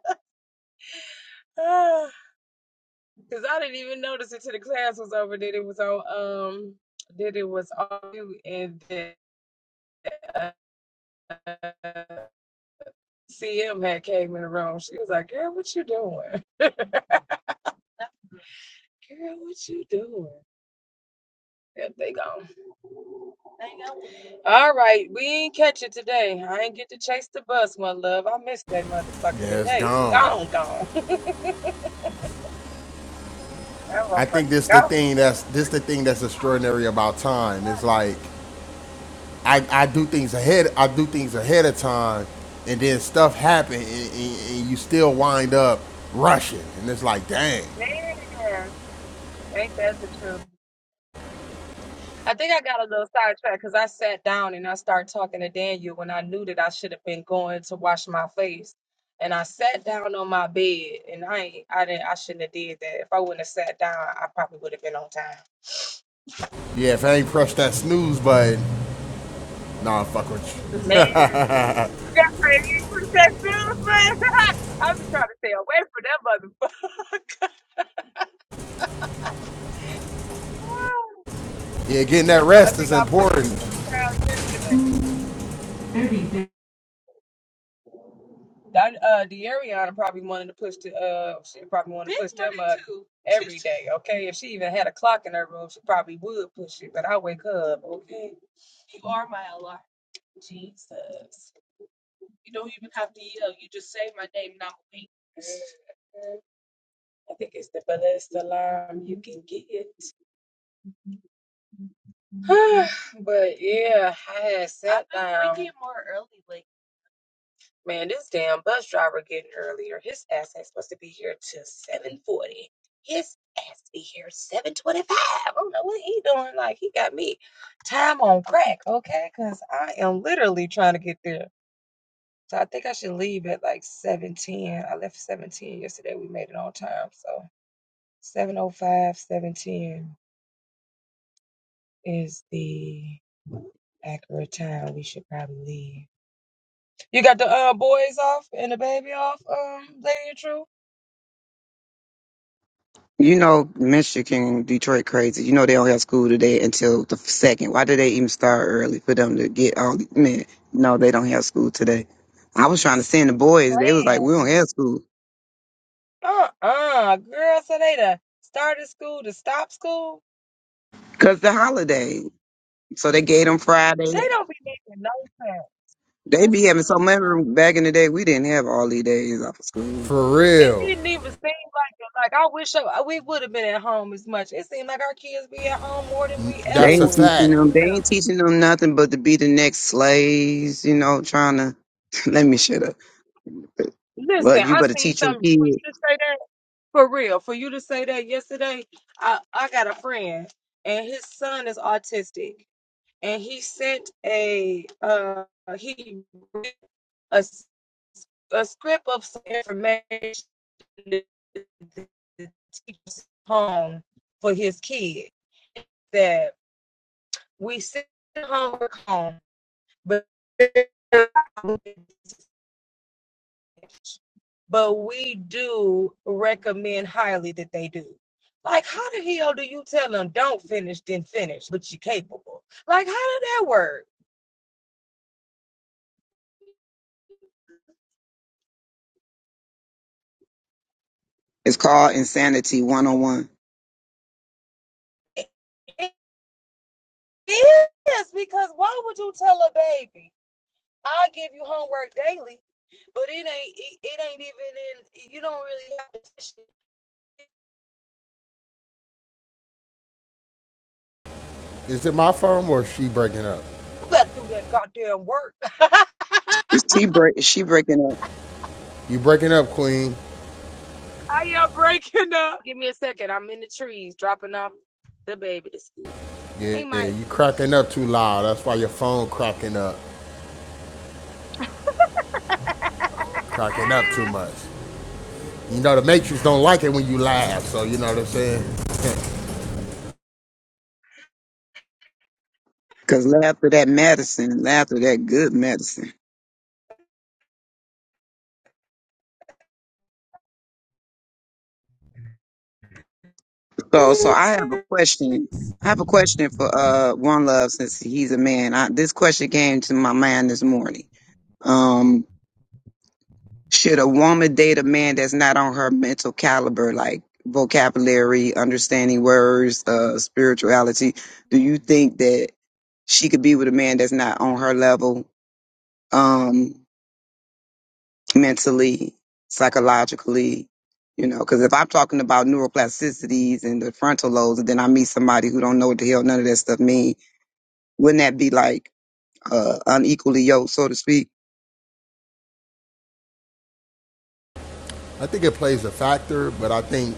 [SPEAKER 1] <laughs> I was on you, and then CM had came in the room. She was like, "Girl, what you doing? Girl, what you doing?" Yep, they gone. All right, we ain't catch it today. I ain't get to chase the bus, my love. I missed that motherfucker
[SPEAKER 3] Yeah, it's
[SPEAKER 1] today. It's
[SPEAKER 3] gone.
[SPEAKER 1] gone, gone. <laughs> that
[SPEAKER 3] I think
[SPEAKER 1] motherfucker
[SPEAKER 3] this the
[SPEAKER 1] gone. <laughs>
[SPEAKER 3] thing that's this the thing that's extraordinary about time. It's like I, I do things ahead I do things ahead of time and then stuff happen and, and, and you still wind up rushing and it's like dang.
[SPEAKER 1] Man, ain't that the truth? I think I got a little sidetracked because I sat down and I started talking to Daniel when I knew that I should have been going to wash my face. And I sat down on my bed and I ain't, I didn't I shouldn't have did that. If I wouldn't have sat down, I probably would have been on time.
[SPEAKER 3] Yeah, if I ain't pressed that snooze button, nah fuck with you.
[SPEAKER 1] Man, you got crazy <laughs> with that feeling. <laughs> I be trying to stay away from that motherfucker. <laughs>
[SPEAKER 3] Yeah, getting that
[SPEAKER 1] I
[SPEAKER 3] rest
[SPEAKER 1] think
[SPEAKER 3] is
[SPEAKER 1] I pushed it
[SPEAKER 3] important.
[SPEAKER 1] two times yesterday. That uh Deariana probably wanted to push the uh she probably wanted check, okay? If she even had a clock in her room, she probably would push it, but I wake her up, okay? You are my alarm. Yeah, I had se- is the accurate time we should probably leave. You got the uh, boys off and the baby off, um, Lady of True?
[SPEAKER 4] You know, Michigan, Detroit, crazy. You know they don't have school today until the second. Why did they even start early for them to get all? Man, no, they don't have school today. I was trying to send the boys. They was like, we don't have school
[SPEAKER 1] Uh uh, girl, so they done started school to stop school?
[SPEAKER 4] because the holiday. So they gave them Friday.
[SPEAKER 1] They don't be making no sense.
[SPEAKER 4] They
[SPEAKER 1] That's
[SPEAKER 4] be having so
[SPEAKER 1] happening
[SPEAKER 4] much
[SPEAKER 1] for the
[SPEAKER 4] back in the day. We didn't have all these days off of school.
[SPEAKER 3] For
[SPEAKER 1] It
[SPEAKER 3] real.
[SPEAKER 1] didn't even seem like it. Like I wish I, we would have been at home as much. It seemed like our kids be at home more than we
[SPEAKER 4] They
[SPEAKER 1] ever
[SPEAKER 3] That's a
[SPEAKER 4] ain't
[SPEAKER 1] would.
[SPEAKER 4] teaching
[SPEAKER 3] fact.
[SPEAKER 1] For
[SPEAKER 4] them. They
[SPEAKER 1] real.
[SPEAKER 4] ain't teaching them nothing but to be the next slaves. You know, trying to. <laughs> Let me shut up. Well,
[SPEAKER 1] Listen, I
[SPEAKER 4] you better
[SPEAKER 1] seen
[SPEAKER 4] teach your
[SPEAKER 1] something
[SPEAKER 4] kids.
[SPEAKER 1] just right there for real. I, and his autistic, and he sent a uh he a, s- a script of some information that the teacher's home for his kid that we sent homework home, but but we do recommend highly that they do. Like, how the hell do you tell them don't finish, then finish, but you're capable? Like, how did that work?
[SPEAKER 4] It's called insanity one on one.
[SPEAKER 1] It is because why would you tell a baby, I'll give you homework daily, but it ain't it, it ain't even in you don't really have to
[SPEAKER 3] Is it my phone or is she breaking up?
[SPEAKER 1] You better do that goddamn work. <laughs> I
[SPEAKER 4] Is she break? Is she breaking up?
[SPEAKER 3] You breaking up, Queen.
[SPEAKER 1] am breaking up. Give me a second. I'm in the trees dropping off the baby to school.
[SPEAKER 3] Yeah,
[SPEAKER 1] Hey Mike.
[SPEAKER 3] you cracking up too loud. That's why your phone cracking up. Cracking up too much. You know, the Matrix don't like it when you laugh, so you know what I'm saying? <laughs>
[SPEAKER 4] Cause laughter that medicine, laughter that good medicine. So, so I have a question. I have a question for uh one love since he's a man. I, this question came to my mind this morning. Um. Should a woman date a man that's not on her mental caliber, like vocabulary, understanding words, uh, spirituality? Do you think that she could be with a man that's not on her level, um, mentally, psychologically? You know, because if I'm talking about neuroplasticities and the frontal lobes, and then I meet somebody who don't know what the hell none of that stuff mean, wouldn't that be like uh, unequally yoked, so to speak?
[SPEAKER 3] I think it plays a factor, but I think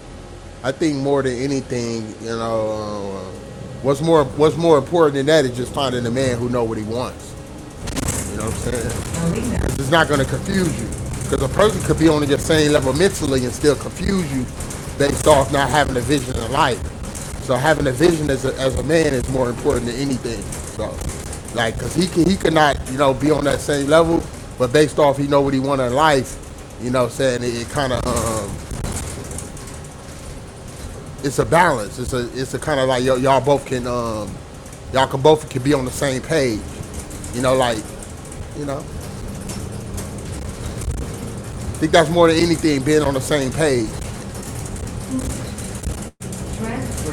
[SPEAKER 3] I think more than anything, you know, uh, what's more what's more important than that is just finding a man who know what he wants. You know what I'm saying? Because It's not going to confuse you. Because a person could be on your same level mentally and still confuse you based off not having a vision in life. So having a vision as a, as a man is more important than anything. So, like, because he, can- he could not, you know, be on that same level, but based off he know what he want in life, you know what I'm saying? It, it kind of, um, it's a balance. It's a, it's a kind of like y- y'all both can, um, y'all can both can be on the same page. You know, like, you know, I think that's more than anything being on the same page.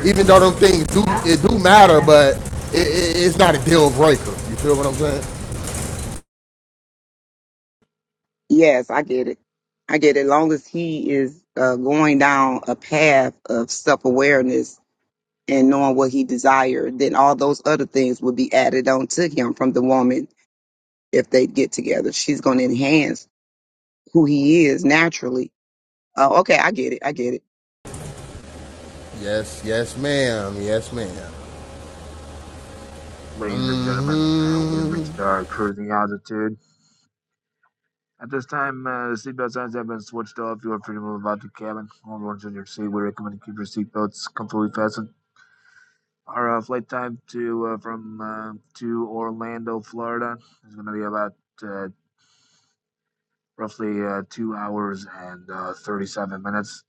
[SPEAKER 3] even though them things do Yeah. it do matter, but it, it, it's not a deal breaker. You feel what I'm saying?
[SPEAKER 4] Yes, I get it. I get it. Long as he is uh, going down a path of self awareness and knowing what he desired, then all those other things will be added on to him from the woman if they get together. She's going to enhance who he is naturally. Uh, okay, I get it. I get it.
[SPEAKER 3] Yes, yes, ma'am. Yes, ma'am.
[SPEAKER 2] Ladies and gentlemen, uh, we've
[SPEAKER 3] Mm-hmm.
[SPEAKER 2] reached our cruising altitude. At this time, uh, seatbelt signs have been switched off. You are free to move about the cabin. All ones in your seat, we recommend you keep your seatbelts comfortably fastened. Our uh, flight time to uh, from uh, to Orlando, Florida, is going to be about uh, roughly uh, two hours and uh, 37 minutes.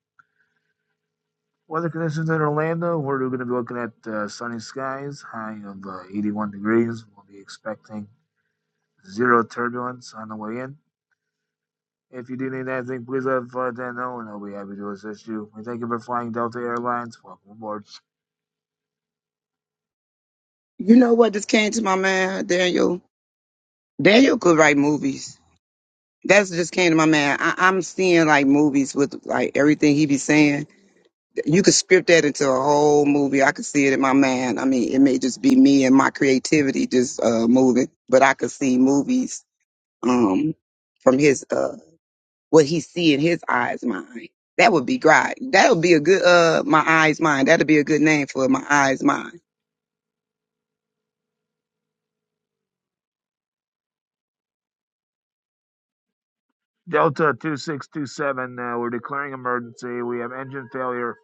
[SPEAKER 2] Weather conditions in Orlando, we're going to be looking at uh, sunny skies, high of uh, 81 degrees. We'll be expecting zero turbulence on the way in. If you do need anything, please let flight attendant know, and I'll be happy to assist you. We thank you for flying Delta Airlines. Welcome aboard.
[SPEAKER 4] You know what just came to my mind, Daniel? Daniel could write movies. That's just came to my mind. I, I'm seeing like movies with like everything he be saying. You could script that into a whole movie. I could see it in my mind. I mean, it may just be me and my creativity just uh moving, but I could see movies um from his uh what he see in his eyes mind. That would be great. That would be a good uh my eyes mind. That'd be a good name for it, my eyes mind.
[SPEAKER 2] Delta 2627, uh, we're declaring emergency. We have engine failure.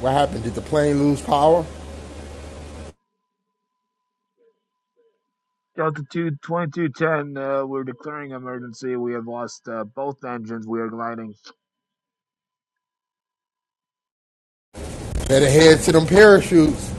[SPEAKER 3] What happened? Did the plane lose power?
[SPEAKER 2] Delta Two twenty-two ten, uh, we're declaring emergency. We have lost uh, both engines. We are gliding.
[SPEAKER 3] Better head to them parachutes.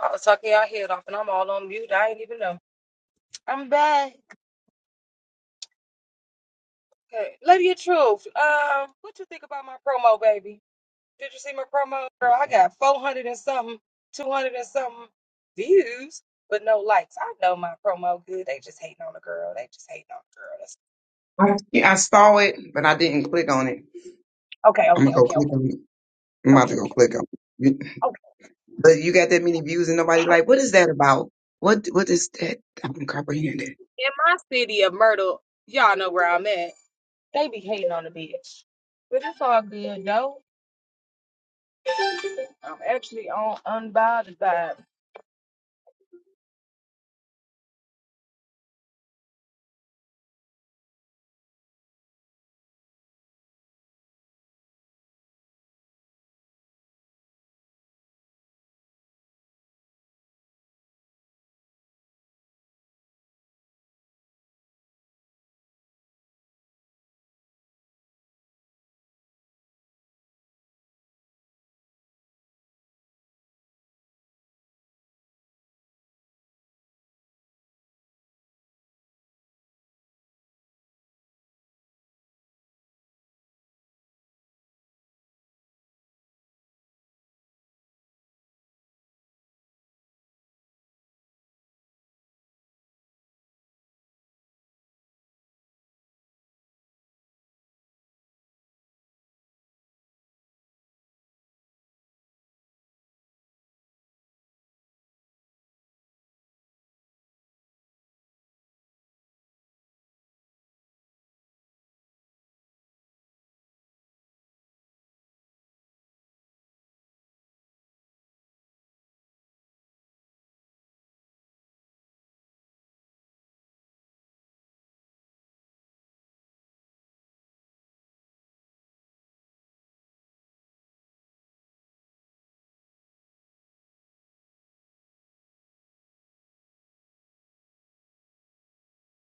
[SPEAKER 1] I was talking y'all head off, and I'm all on mute. I ain't even know. I'm back. Okay, baby. Girl, I got from 200 views, but no likes. I know my promo good. They just hating on the girl. girl that's-
[SPEAKER 4] I, yeah, I saw it, but I didn't click on it.
[SPEAKER 1] okay,
[SPEAKER 4] I'm
[SPEAKER 1] okay,
[SPEAKER 4] gonna go
[SPEAKER 1] okay,
[SPEAKER 4] click
[SPEAKER 1] okay,
[SPEAKER 4] on it. I'm about
[SPEAKER 1] okay,
[SPEAKER 4] to go
[SPEAKER 1] okay,
[SPEAKER 4] click on it.
[SPEAKER 1] okay.
[SPEAKER 4] But you got that many views and nobody like, what is that about? What what is that? I don't comprehend it.
[SPEAKER 1] In my city of Myrtle, y'all know where I'm at. They be hating on the bitch. But it's all good, though. I'm actually on unbothered vibe.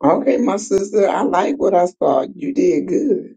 [SPEAKER 4] Okay, my sister, I like what I saw. You did good.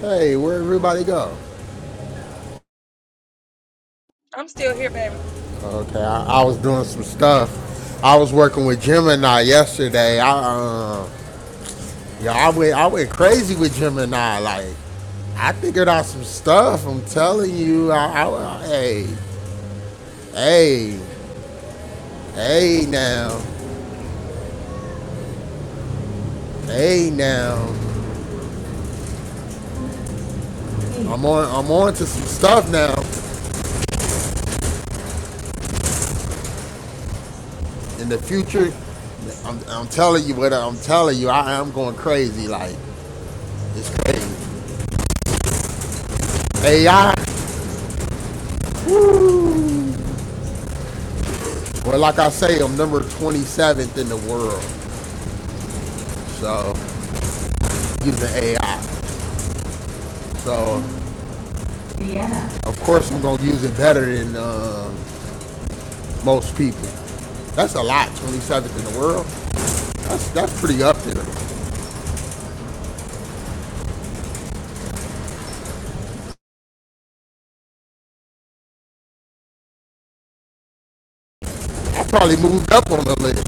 [SPEAKER 3] Hey, where everybody go?
[SPEAKER 1] I'm still here, baby.
[SPEAKER 3] Okay, I, I was doing some stuff. I was working with Gemini yesterday. I uh, yeah, I went I went crazy with Gemini. Like I figured out some stuff. I'm telling you, I, I, I- hey, hey, Hey now, hey now. I'm on. I'm on to some stuff now. In the future, I'm, I'm telling you what I'm telling you. I am going crazy. Like it's crazy. AI. Well, like I say, I'm number 27th in the world. So using AI. So yeah. of course I'm gonna use it better than um most people. That's a lot. 27th in the world. That's that's pretty up there. I probably moved up on the list.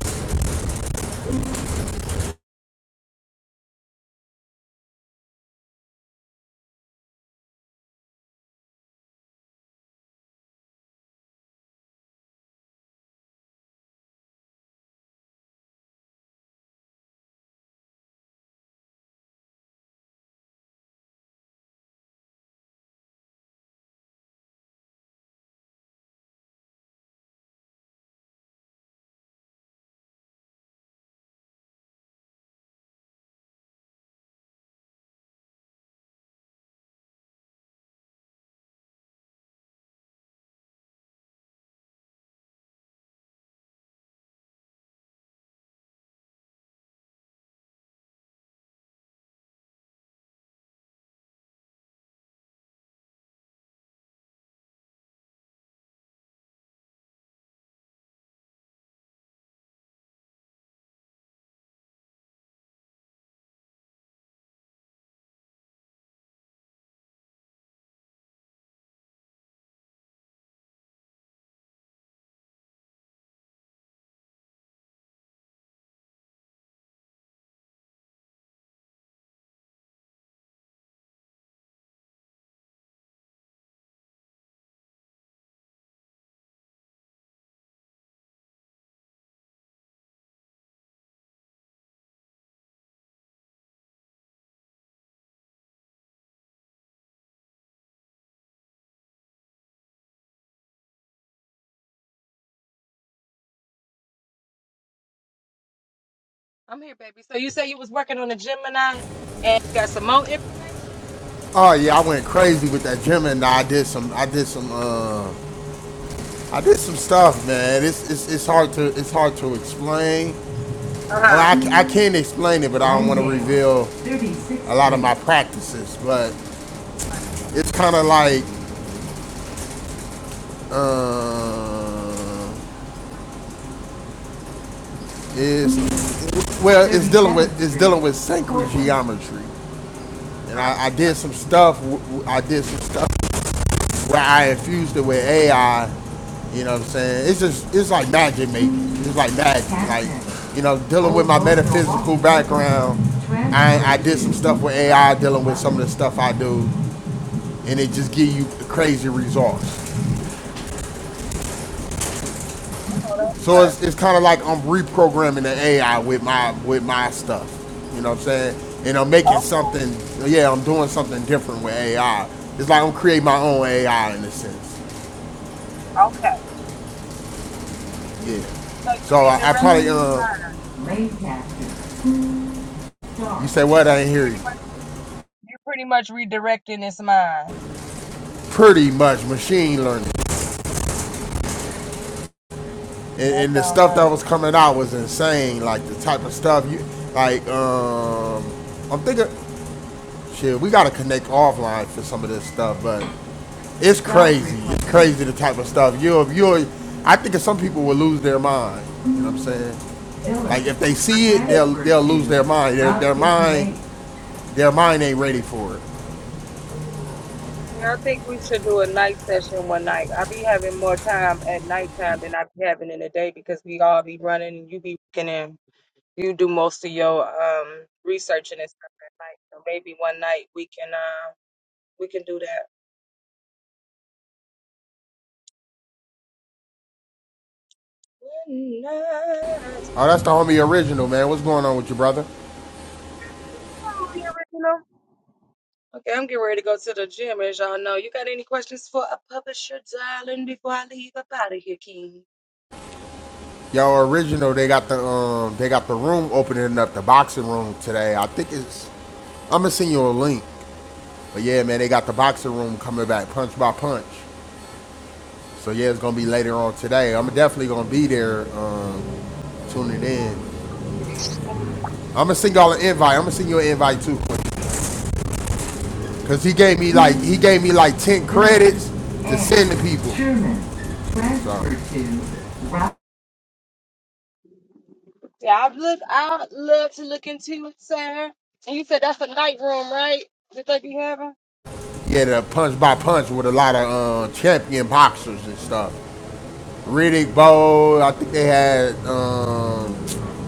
[SPEAKER 1] I'm here, baby. So you say you was working on the Gemini? Mo?
[SPEAKER 3] Oh yeah, I went crazy with that gym, and I did some, I did some, uh, I did some stuff, man. It's it's, it's hard to it's hard to explain. Well,
[SPEAKER 1] Uh
[SPEAKER 3] I, I can not explain it, but I don't want to reveal a lot of my practices. But it's kind of like uh, it's well, it's dealing with it's dealing with sacred geometry, and I, I did some stuff. w- w- I did some stuff where I infused it with AI You know what I'm saying? It's just it's like magic, mate. It's like magic. Like you know, dealing with my metaphysical background, I I did some stuff with AI, dealing with some of the stuff I do, and it just give you crazy results. So it's it's kind of like I'm reprogramming the AI with my with my stuff. You know what I'm saying? And I'm making something. Yeah, I'm doing something different with AI. It's like I'm creating my own AI in a sense.
[SPEAKER 1] huh.
[SPEAKER 3] Yeah.
[SPEAKER 1] So
[SPEAKER 3] So
[SPEAKER 1] you're
[SPEAKER 3] I, I probably
[SPEAKER 1] redirecting his
[SPEAKER 3] uh.
[SPEAKER 1] mind.
[SPEAKER 3] You say what?
[SPEAKER 1] So
[SPEAKER 3] I didn't hear you.
[SPEAKER 1] you're pretty much redirecting his mind.
[SPEAKER 3] pretty much machine learning. And,
[SPEAKER 1] That
[SPEAKER 3] and the
[SPEAKER 1] sounds
[SPEAKER 3] stuff
[SPEAKER 1] nice.
[SPEAKER 3] that was coming out was insane. Like the type of stuff you like. Um, I'm thinking, shit, we gotta connect offline for some of this stuff, but it's crazy. It's crazy the type of stuff you'll you'll. I think some people will lose their mind. You know what I'm saying? Like if they see it, they'll they'll lose their mind. Their, their mind their mind ain't ready for it.
[SPEAKER 1] Yeah, I think we should do a night session one night. I be having more time at nighttime than I be having in the day because we all be running and you be working and you do most of your um researching and stuff at night. So maybe one night we can uh we can do that. One night.
[SPEAKER 3] Oh, that's the homie original man. What's going on with you, brother?
[SPEAKER 1] Okay, I'm getting ready to go to the gym as y'all know. You got any questions for a publisher, darling, before I leave up out of here, King?
[SPEAKER 3] Yo, original. They got the um, they got the room opening up, the boxing room today. I think it's. I'm gonna send you a link. But yeah, man, they got the boxing room coming back, punch by punch. So yeah, it's gonna be later on today. I'm definitely gonna be there, um, tuning in. I'm gonna send y'all an invite. I'm gonna send you an invite too, cause he gave me like he gave me like ten credits to send to people. So
[SPEAKER 1] Yeah, I've looked. I love to look into it, Sarah. And you said that's a night room, right? That they be having.
[SPEAKER 3] yeah, the punch by punch with a lot of uh, champion boxers and stuff. Riddick Bowe. I think they had, um,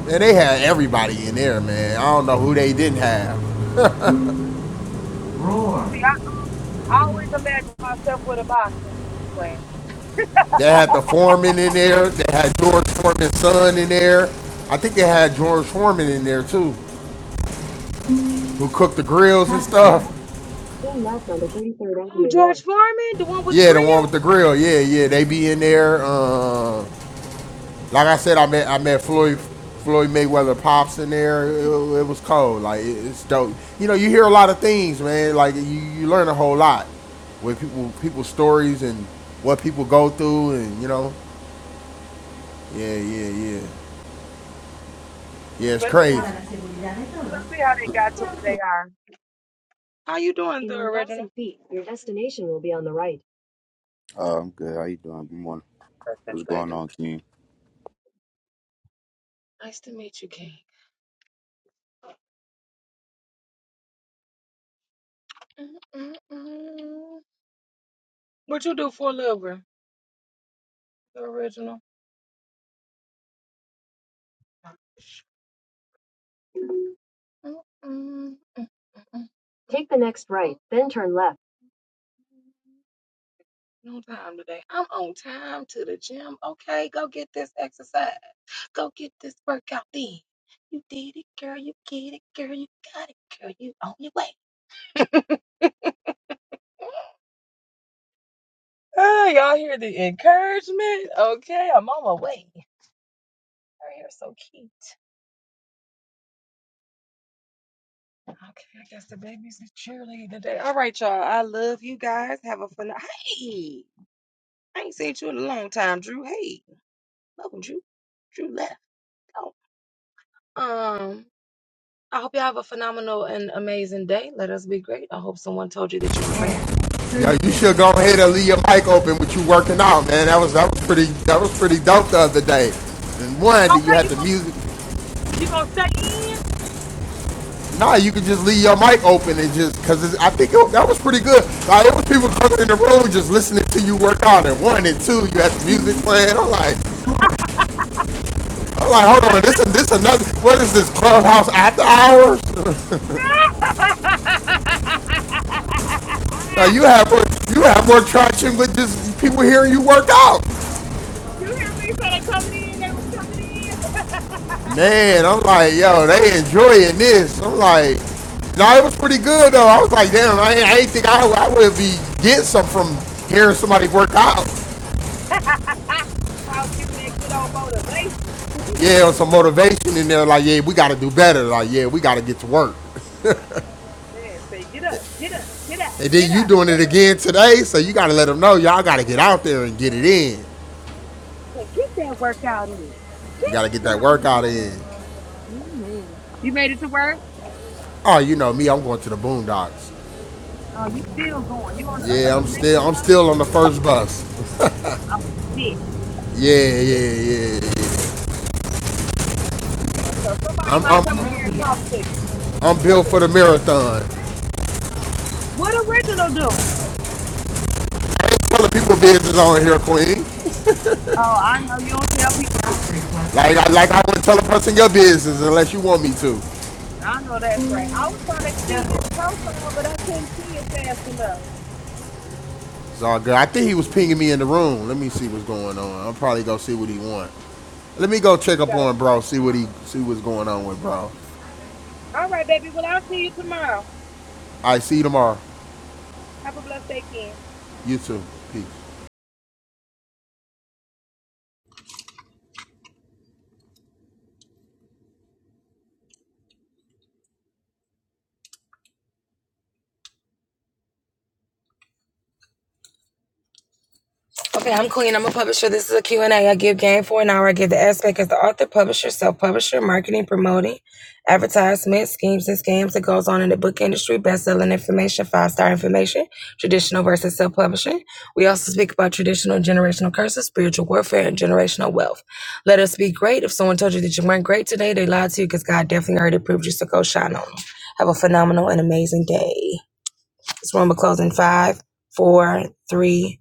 [SPEAKER 3] man, they had everybody in there, man. I don't know who they didn't have. Roar.
[SPEAKER 1] See, I always imagine myself with a box plan,
[SPEAKER 3] They had the foreman in there. They had George Foreman's son in there. I think they had George Foreman in there too, who cooked the grills and stuff. <laughs> Yeah, the one with the grill. Yeah, yeah, they be in there. Um, Like I said, I met I met Floyd Floyd Mayweather pops in there. It, it was cold. Like it, it's dope. You know, you hear a lot of things, man. Like you, you learn a whole lot with people people's stories and what people go through, and you know, yeah, yeah, yeah, yeah. It's
[SPEAKER 1] especially
[SPEAKER 3] crazy.
[SPEAKER 1] how,
[SPEAKER 3] Now
[SPEAKER 1] especially how they got to where they are. How you doing, the original?
[SPEAKER 5] Uh, I'm good. How you doing? Good morning.
[SPEAKER 1] That's
[SPEAKER 5] What's
[SPEAKER 1] my
[SPEAKER 5] going
[SPEAKER 1] favorite.
[SPEAKER 5] on, King?
[SPEAKER 1] Nice to meet you, King. Mm-mm-mm. What you do for a living, the original? Mm-mm-mm. Take the next right, then turn left. No time today. I'm on time to the gym. Okay, go get this exercise. Go get this workout in. You did it, girl. You get it, girl. You got it, girl. You on your way. <laughs> You're so cute. Okay, I guess the baby's a cheerleader today. All right, y'all. I love you guys. Have a fun. Hey, I ain't seen you in a long time, Drew. Hey, welcome, Drew. Drew left. Oh, um, I hope y'all have a phenomenal and amazing day. Let us be great. I hope someone told you that you were grateful.
[SPEAKER 3] you should go ahead and leave your mic open with you working out, man. That was that was pretty that was pretty dope the other day. And one,
[SPEAKER 1] Okay,
[SPEAKER 3] you had the music
[SPEAKER 1] You gonna stay in?
[SPEAKER 3] Nah, you can just leave your mic open and just because I think it, that was pretty good. Like it was people coming in the room just listening to you work out and one and two. You had the music playing. I'm like, I'm like, hold on, this is this another. What is this clubhouse after hours? Now you
[SPEAKER 1] <laughs>
[SPEAKER 3] have more, you have more traction with just people hearing you work out.
[SPEAKER 1] you hear me say they coming in? They was coming in.
[SPEAKER 3] Man, I'm like, yo, they enjoying this. I'm like, nah, it was pretty good though. I was like, damn, I, ain't- I ain't think I, I would be getting some from hearing somebody work out.
[SPEAKER 1] <laughs> I was giving that good old motivation. <laughs>
[SPEAKER 3] Yeah, or some motivation in there, like, yeah, we got to do better. Like, yeah, we got to get to work.
[SPEAKER 1] Man, say get up, get up, get out,
[SPEAKER 3] And then
[SPEAKER 1] get
[SPEAKER 3] you
[SPEAKER 1] out.
[SPEAKER 3] doing it again today, so you got to let them know, y'all got to get out there and get it in.
[SPEAKER 1] Say get that workout in.
[SPEAKER 3] You
[SPEAKER 1] Get
[SPEAKER 3] got to get that
[SPEAKER 1] that
[SPEAKER 3] workout
[SPEAKER 1] workout in.
[SPEAKER 3] in.
[SPEAKER 1] hmm You made it to work?
[SPEAKER 3] Oh, you know me, I'm going to the boondocks.
[SPEAKER 1] Oh, you still going? You on the
[SPEAKER 3] Yeah,
[SPEAKER 1] uh, uh,
[SPEAKER 3] I'm
[SPEAKER 1] next
[SPEAKER 3] still, I'm
[SPEAKER 1] bus?
[SPEAKER 3] still on the first bus.
[SPEAKER 1] Oh shit.
[SPEAKER 3] Yeah,
[SPEAKER 1] You
[SPEAKER 3] yeah, yeah. yeah.
[SPEAKER 1] So somebody
[SPEAKER 3] I'm,
[SPEAKER 1] might come in here and talk to you. Damn,
[SPEAKER 3] I'm, I'm
[SPEAKER 1] I
[SPEAKER 3] built for
[SPEAKER 1] said,
[SPEAKER 3] the marathon.
[SPEAKER 1] what original do?
[SPEAKER 3] I ain't telling people business on here, Queen.
[SPEAKER 1] Oh, I know you don't tell people business.
[SPEAKER 3] Like, I, like I wouldn't tell a person your business unless you want me
[SPEAKER 1] I know that's right. I was trying to see
[SPEAKER 3] to.
[SPEAKER 1] his profile, but I couldn't see it fast enough.
[SPEAKER 3] It's all good. I think he was pinging me in the room. Let me see what's going on. I'll probably go see what he want. Let me go check
[SPEAKER 1] You
[SPEAKER 3] up
[SPEAKER 1] gotta.
[SPEAKER 3] on bro. See what he see what's going on with bro.
[SPEAKER 1] All right, baby. Well, I'll see you tomorrow.
[SPEAKER 3] I see you tomorrow.
[SPEAKER 1] Have a blessed day, Ken.
[SPEAKER 3] You too. Peace.
[SPEAKER 1] Okay, I'm Queen. I'm a publisher. This is a Q and A. I give game for an hour. I give the aspect as the author, publisher, self-publisher, marketing, promoting, advertisement, schemes and scams that goes on in the book industry, best-selling information, five-star information, traditional versus self-publishing. We also speak about traditional generational curses, spiritual warfare, and generational wealth. Let us be great. If someone told you that you weren't great today, they lied to you because God definitely already proved you, so go shine on. Have a phenomenal and amazing day. This room will close in five, four, three,